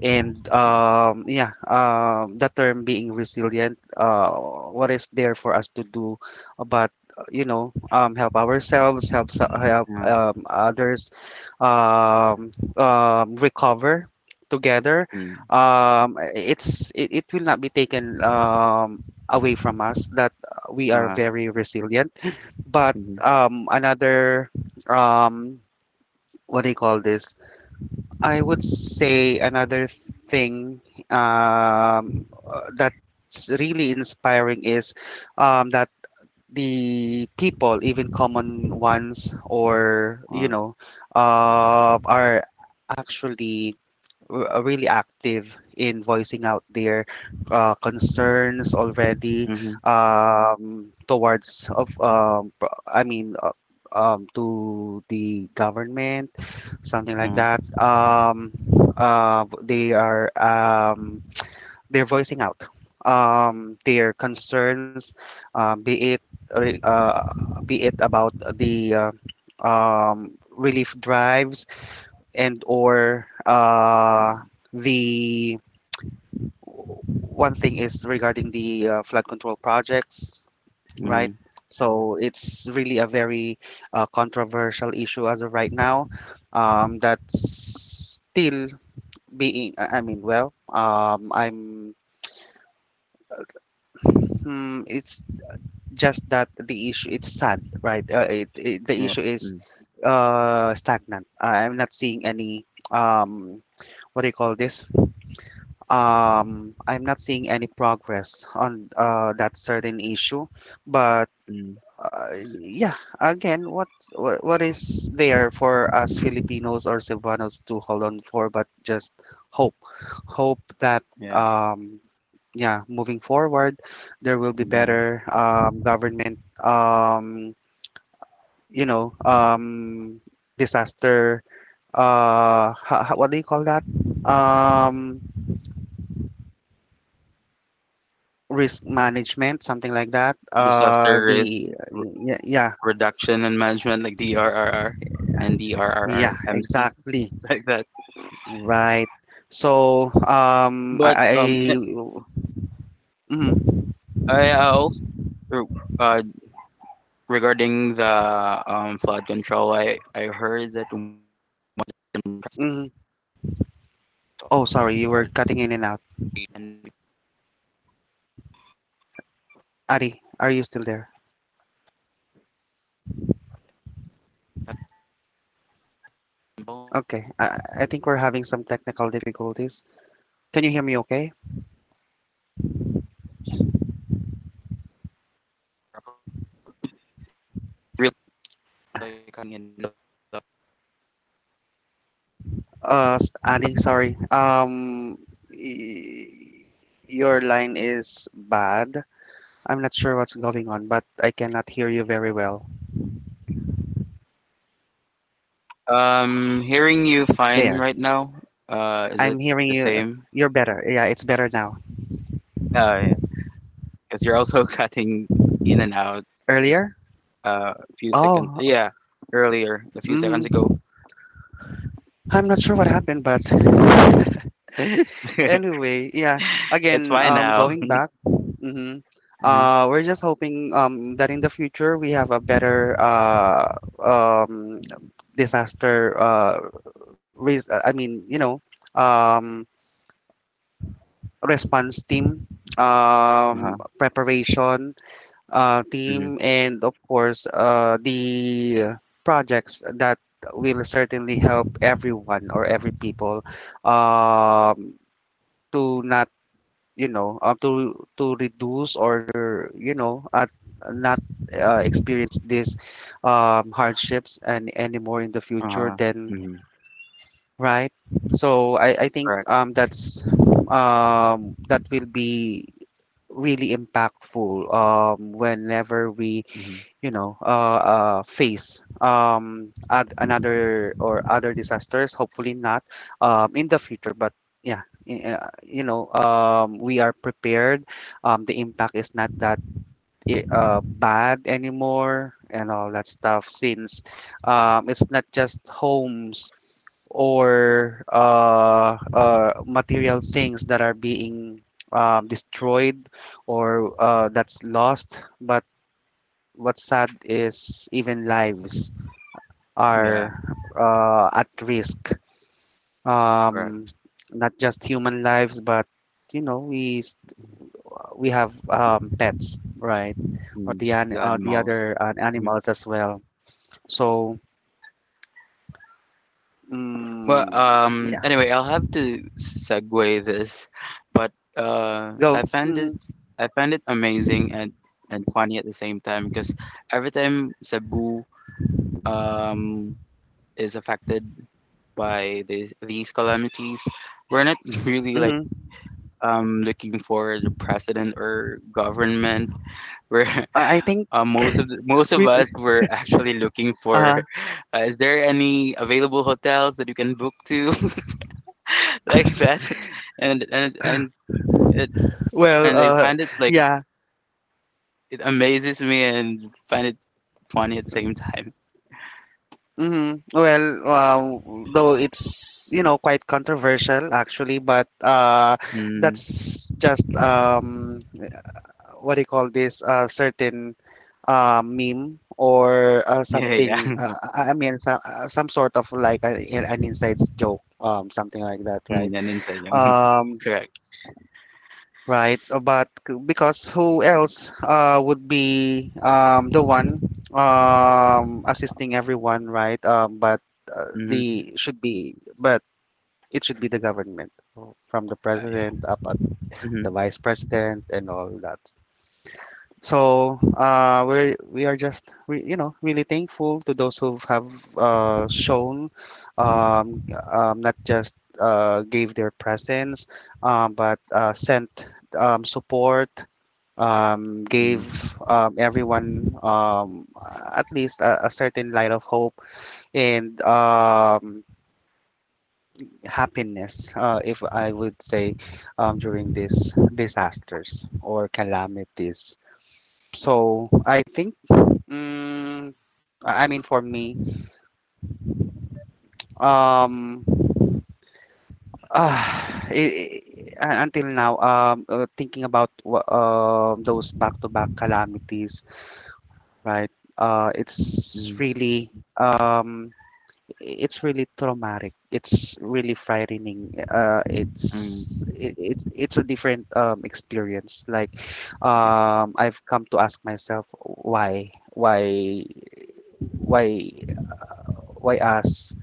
and yeah, the term being resilient, what is there for us to do but help ourselves, help
yeah,
others, um, recover together.
mm,
It will not be taken away from us that we are
uh,
very resilient. But
mhm,
another um, what do you call this? I would say another thing that's really inspiring is that the people, even common ones,
uh,
are actually, really active in voicing out their concerns already,
mhm,
towards of, I mean, to the government, something like
uh,
that. Uh, they are um, they're voicing out their concerns, uh, be it re- uh, be it about the relief drives, and or the one thing is regarding the flood control projects, right?
mhm,
So it's really a very controversial issue as of right now. That's still being, I mean, well, I'm. It's just that the issue. It's sad, right? It, it the
yeah,
issue is
mm,
stagnant. I'm not seeing any, um what do you call this? I'm not seeing any progress on that certain issue. But
mm,
yeah, again, what is there for us Filipinos or Cebuanos to hold on for? But just hope, hope that
yeah.
um, yeah, moving forward, there will be
Mhm.
better, government. Um, you know, um, disaster. What do you call that? Um, risk management, something like that.
Disaster risk re
Yeah,
reduction and management, like DRRR and
yeah,
DRRRMC,
exactly,
like that.
right. So
But
I
um, eh,
mm,
I also er, uh regarding the flood control, I heard that
mm. Oh, sorry, you were cutting in and out. Ari, are you still there? Okay, I think we're having some technical difficulties. Can you hear me? Okay.
really like coming in.
Ari, sorry. Y- your line is bad. I'm not sure what's going on, but I cannot hear you very well.
Hearing you fine right now,
There.
is it the
I'm
same?
hearing you. You're better. Yeah, it's better now.
Yeah, because you're also cutting in and out just
Earlier?
a few seconds.
Oh,
Yeah, earlier, a few seconds ago.
mm, I'm not sure what happened, but anyway, yeah.
It's
Again,
fine now.
going back. Mm-hmm.
Mm-hmm.
We're just hoping that in the future we have a better, um, disaster. I mean, you know, um, response team,
Uh-huh.
preparation
Mm-hmm.
team, and of course the projects that will certainly help everyone or every people, um, to not, to reduce, or not experience these hardships and anymore in the future
Uh-huh.
then,
Mm-hmm.
right? So I think
Correct.
that's, that will be really impactful whenever we,
Mm-hmm.
face, another or other disasters, hopefully not in the future, but yeah, we are prepared, the impact is not that, bad anymore, and all that stuff, since it's not just homes or material things that are being destroyed or that's lost, but what's sad is even lives
Yeah,
are at risk. Um,
correct.
Not just human lives, but you know we s- we have pets, right, or
Mm. The
the
animals.
other
Mm-hmm.
animals as well. So
Well,
mm, yeah,
anyway, I'll have to segue this, but uh,
go.
I found
Mm-hmm.
it, I found it amazing and funny at the same time because every time Cebu um is affected by these calamities, we're not really like
Mm-hmm.
looking for the president or government. We're
I think
most of
we,
us were actually looking
uh
for, is there any available hotels that you can book to? like that and and and it,
well,
and I find it like
yeah,
it amazes me and find it funny at the same time.
hmm. Well, though it's quite controversial actually, but
Mm,
that's just what do you call this? A certain meme or
yeah, yeah.
something. I mean, some sort of like an inside joke, something like that,
Mm,
right?
yan din.
Um,
Correct.
Right, but because who else would be the one assisting everyone, right? But
Mm,
the should be, but it should be the government, from the
ah, yeah.
president up at
Mm-hmm,
the vice president and all that. So we are just re, you know really thankful to those who have shown um, not just gave their presence, but sent support, gave
mm,
everyone at least a certain light of hope and happiness, if I would say, during these disasters or calamities. So I think, I mean, for me, um, it, until now, thinking about those back-to-back calamities, right? It's
mm,
really um it's really traumatic. It's really frightening.
mm,
It's it, it's a different experience.
yeah.
I've come to ask myself why, why us?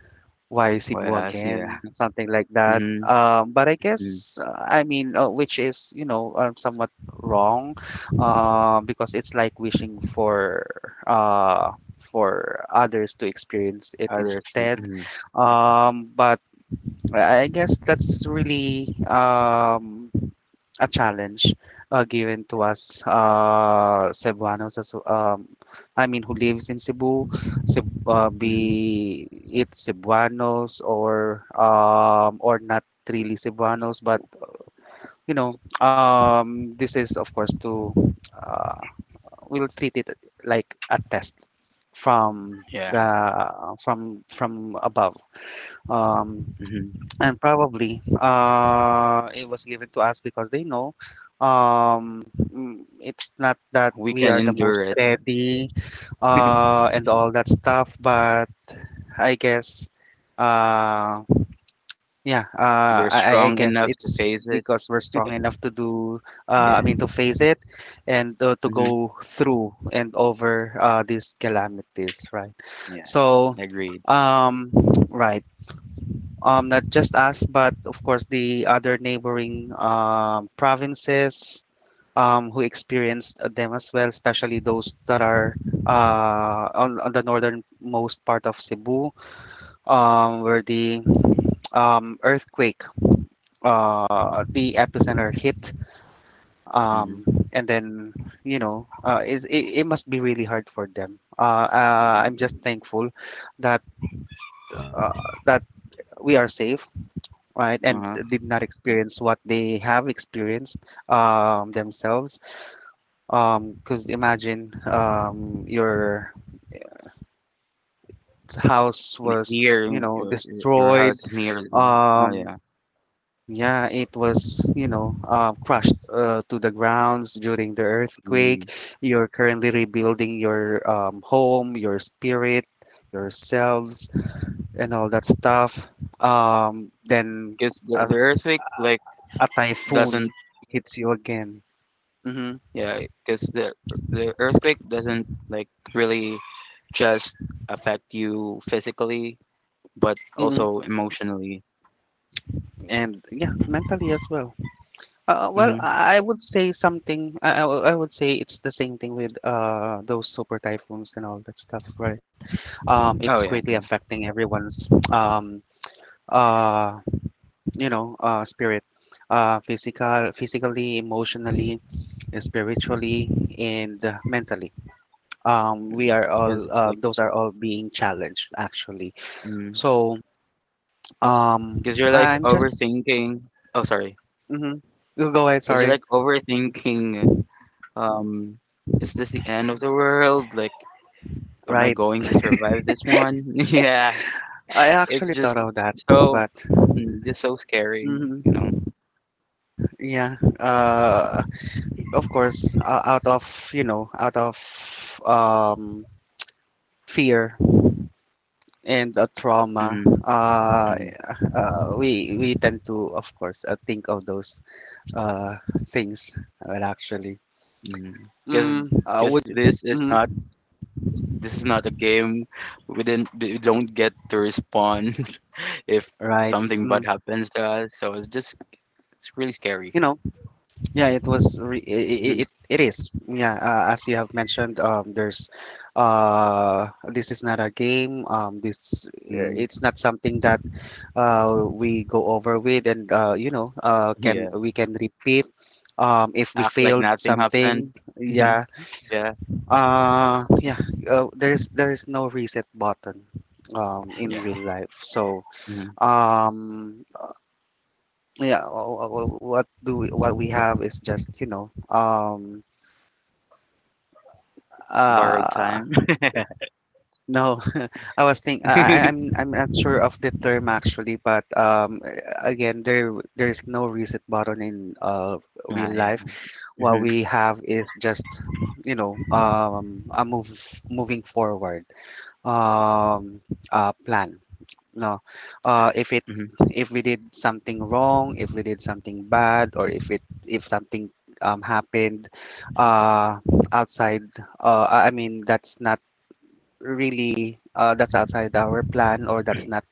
Why Cebu
Whereas, yeah.
again, something like that.
Mm-hmm,
But I
mm,
guess, I mean, which is, you know, somewhat wrong, because it's like wishing uh, for others to experience it
others,
instead.
mm, yeah.
But I guess that's really a challenge given to us, Cebuanos, as I mean, who lives in Cebu,
Mm-hmm,
be it Cebuanos or not really Cebuanos, but you know, this is of course to uh, we'll treat it like a test from
yeah.
the from above. Um,
Mm-hmm.
and probably it was given to us because they know it's not that
We
we
can
are the
endure
most
it.
ready, and all that stuff, but I guess, uh, yeah, uh,
We're
I, I I
strong
guess
enough to
it's
face it.
because we're strong enough to do, I
Yeah.
mean, to face it and to
Mm-hmm,
go through and over these calamities, right?
yeah.
So,
Agreed.
um, right. Not just us, but of course the other neighboring provinces who experienced them as well, especially those that are on the northernmost part of Cebu, where the earthquake, the epicenter hit.
Mm-hmm.
Um, and then, you know, it must be really hard for them. I'm just thankful that uh, that we are safe, right, and
Uh-huh.
did not
Mm-hmm.
experience what they have experienced themselves, because imagine your house
N
was,
near
you know,
your
destroyed,
house near them. Oh,
um,
yeah.
yeah, it was, you know, crushed to the grounds during the
because
earthquake. You're currently rebuilding your home, your spirit, yourselves, and all that stuff, then a,
the earthquake, like,
a
doesn't
typhoon hits you again. Mm-hmm.
yeah, yeah because the earthquake doesn't, like, really just affect you physically, but
Mm-hmm.
also emotionally.
And yeah, mentally as well. Well,
Mhm.
I would say something. I would say it's the same thing with those super typhoons and all that stuff, right? It's
Oh, yeah,
greatly affecting everyone's uh you know, spirit, physically, emotionally, spiritually, and mentally. We are
because
all,
like
those are all being challenged actually.
because
So um,
'cause you're, like,
I'm just
overthinking oh, sorry,
mm-hmm. Go ahead.
because 'cause you're,
Sorry.
like, overthinking, um, "Is this the end of the world?" Like, "Am I
Right.
going to survive this one?" Yeah.
I
It's
actually thought
just
of that,
so
but
mm, just so scary, you know.
mhm. Yeah. Of course, out of, you know, out of um, fear and trauma,
Mhm,
uh,
mhm,
uh, we we tend to, of course, think of those uh, things. Well, actually,
mhm. 'Cause 'cause
would you? Mhm.
this is not a game. We don't get to respond if
Right.
something bad
Mm.
happens to us. So it's really scary.
You know, yeah, it was
Mhm,
it is. Yeah, as you have mentioned, there's uh, this is not a game. This,
mm,
it's not something that we go over with, and, you know, can
yeah,
we can repeat if we
act like
failed
nothing
something.
happened. Mhm,
Yeah,
yeah,
yeah. There is no reset button in
yeah.
real life.
Mhm.
Um, yeah, what we have is just, you know.
Borrowed
Uh,
time.
no, I was think I- I'm not sure of the term actually, but again, there's no reset button in real
yeah, yeah.
life. What
Mhm,
we have is just, you know, a move moving forward, um, plan. No, uh, if it
mhm.
if we did something wrong, if we did something bad, or if something happened uh, outside, I mean, that's not really, that's outside our plan, or that's not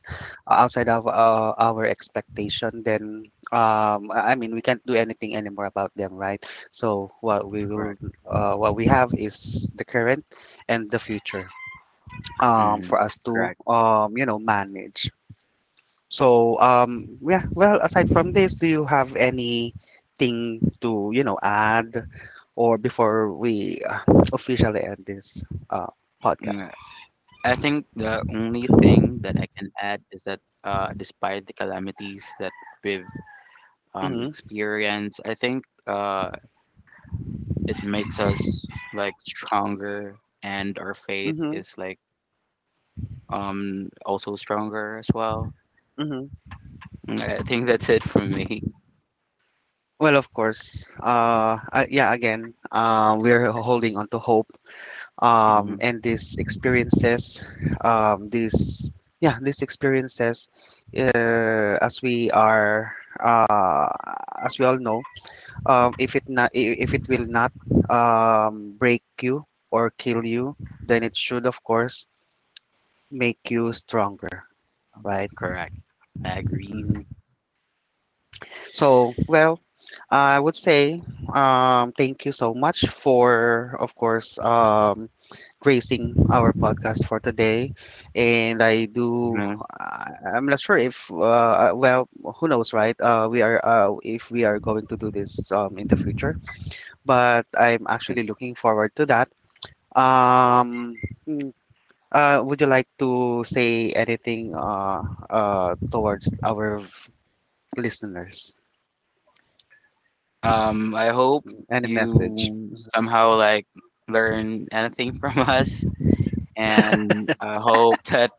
outside of our expectation, then I mean, we can't do anything anymore about them, right? So what we will,
Correct.
what we have is the current and the future
Mhm,
for us to,
correct.
you know, manage. So, yeah, well, aside from this, do you have anything to, you know, add, or before we officially end this uh, podcast?
I think the only thing that I can add is that despite the calamities that we've
Mm-hmm.
experienced, I think it makes us like stronger, and our faith
Mm-hmm.
is like also stronger as well.
Mm-hmm.
Mm, I think that's it for me.
Well, of course. Yeah, again, we're holding on to hope.
hmm
And these experiences, these yeah, these experiences, as we are, uh, as we all know, if it not, if it will not break you or kill you, then it should, of course, make you stronger, right?
Correct. I agree.
Mhm. So, well, I would say, thank you so much for, of course, gracing our podcast for today. And I do,
Mhm.
I'm not sure if, well, who knows, right? We are, if we are going to do this in the future, but I'm actually looking forward to that. Um, mm, would you like to say anything, towards our listeners?
I hope
Any message?
you somehow like learn anything from us, and I hope that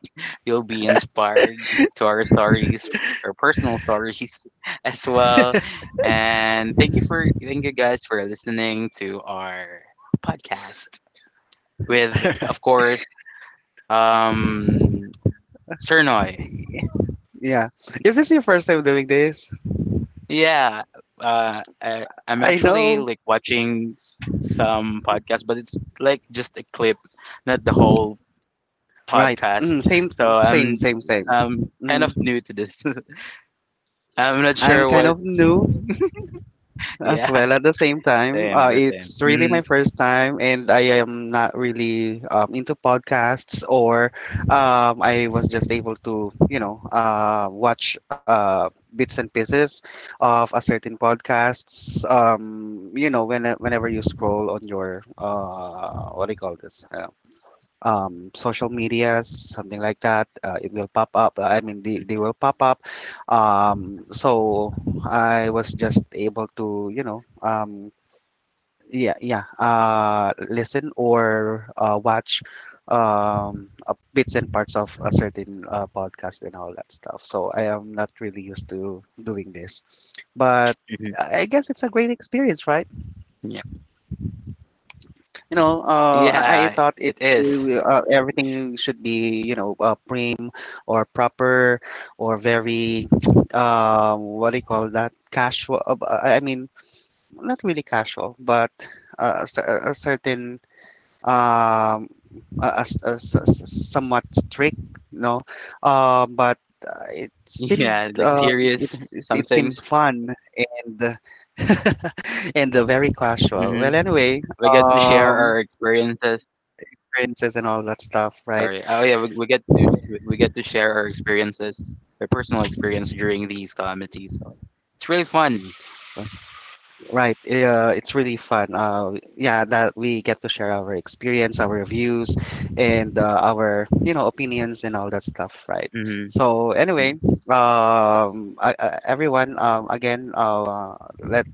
you'll be inspired to our stories, our personal stories as well. And thank you guys for listening to our podcast with, of course, um, Cernoy.
Yeah. Is this your first time doing this?
Yeah, I'm
I
actually
know.
like watching some podcast, but it's like just a clip, not the whole
Right.
podcast.
Mm, same,
So
same.
I'm kind of
Mm.
new to this. I'm not
I'm
sure
kind
what.
of new as
Yeah.
well at the same time.
Same, we're same.
It's really my
Mhm.
first time, and I am not really into podcasts, or I was just able to, you know, watch bits and pieces of a certain podcasts. You know, when, whenever you scroll on your, what do you call this? Social medias, something like that. It will pop up. I mean, they will pop
Yeah.
up. So I was just able to, you know, yeah, listen or watch bits and parts of a certain podcast and all that stuff. So I am not really used to doing this, but
Mhm.
I guess it's a great experience, right?
Yeah.
You know,
Yeah,
I
it
thought it,
is.
everything should be, you know, prim or proper or
Mm,
very what do you call that, casual, I mean, not really casual, but, a certain um somewhat strict, no, but it seemed,
yeah, like curious
it's it seemed
something.
fun and and very casual.
Hmm.
Well, anyway,
We get to share our experiences.
experiences and all that stuff, right?
Sorry. Oh yeah, we get to share our experiences, our personal experience during these calamities. So
Mm.
it's really fun.
Right. Yeah, it's really fun. Yeah, that we get to share our experience, our views, and our, you know, opinions and all that stuff, right? So anyway,
Mm-hmm. Mm-hmm.
everyone, again, let's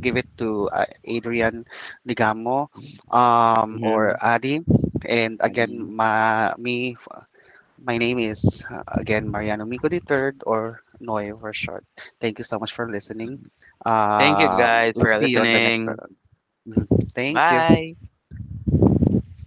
give it to Adrian Digamo, or Adi, and again, ma, me
Mm-hmm.
my name is, again, Mariano Mico the Third, or Noy for short. Thank you so much for listening. We'll see you on the
Thank
next one.
you guys for
Mhm.
listening.
Thank you.
Bye.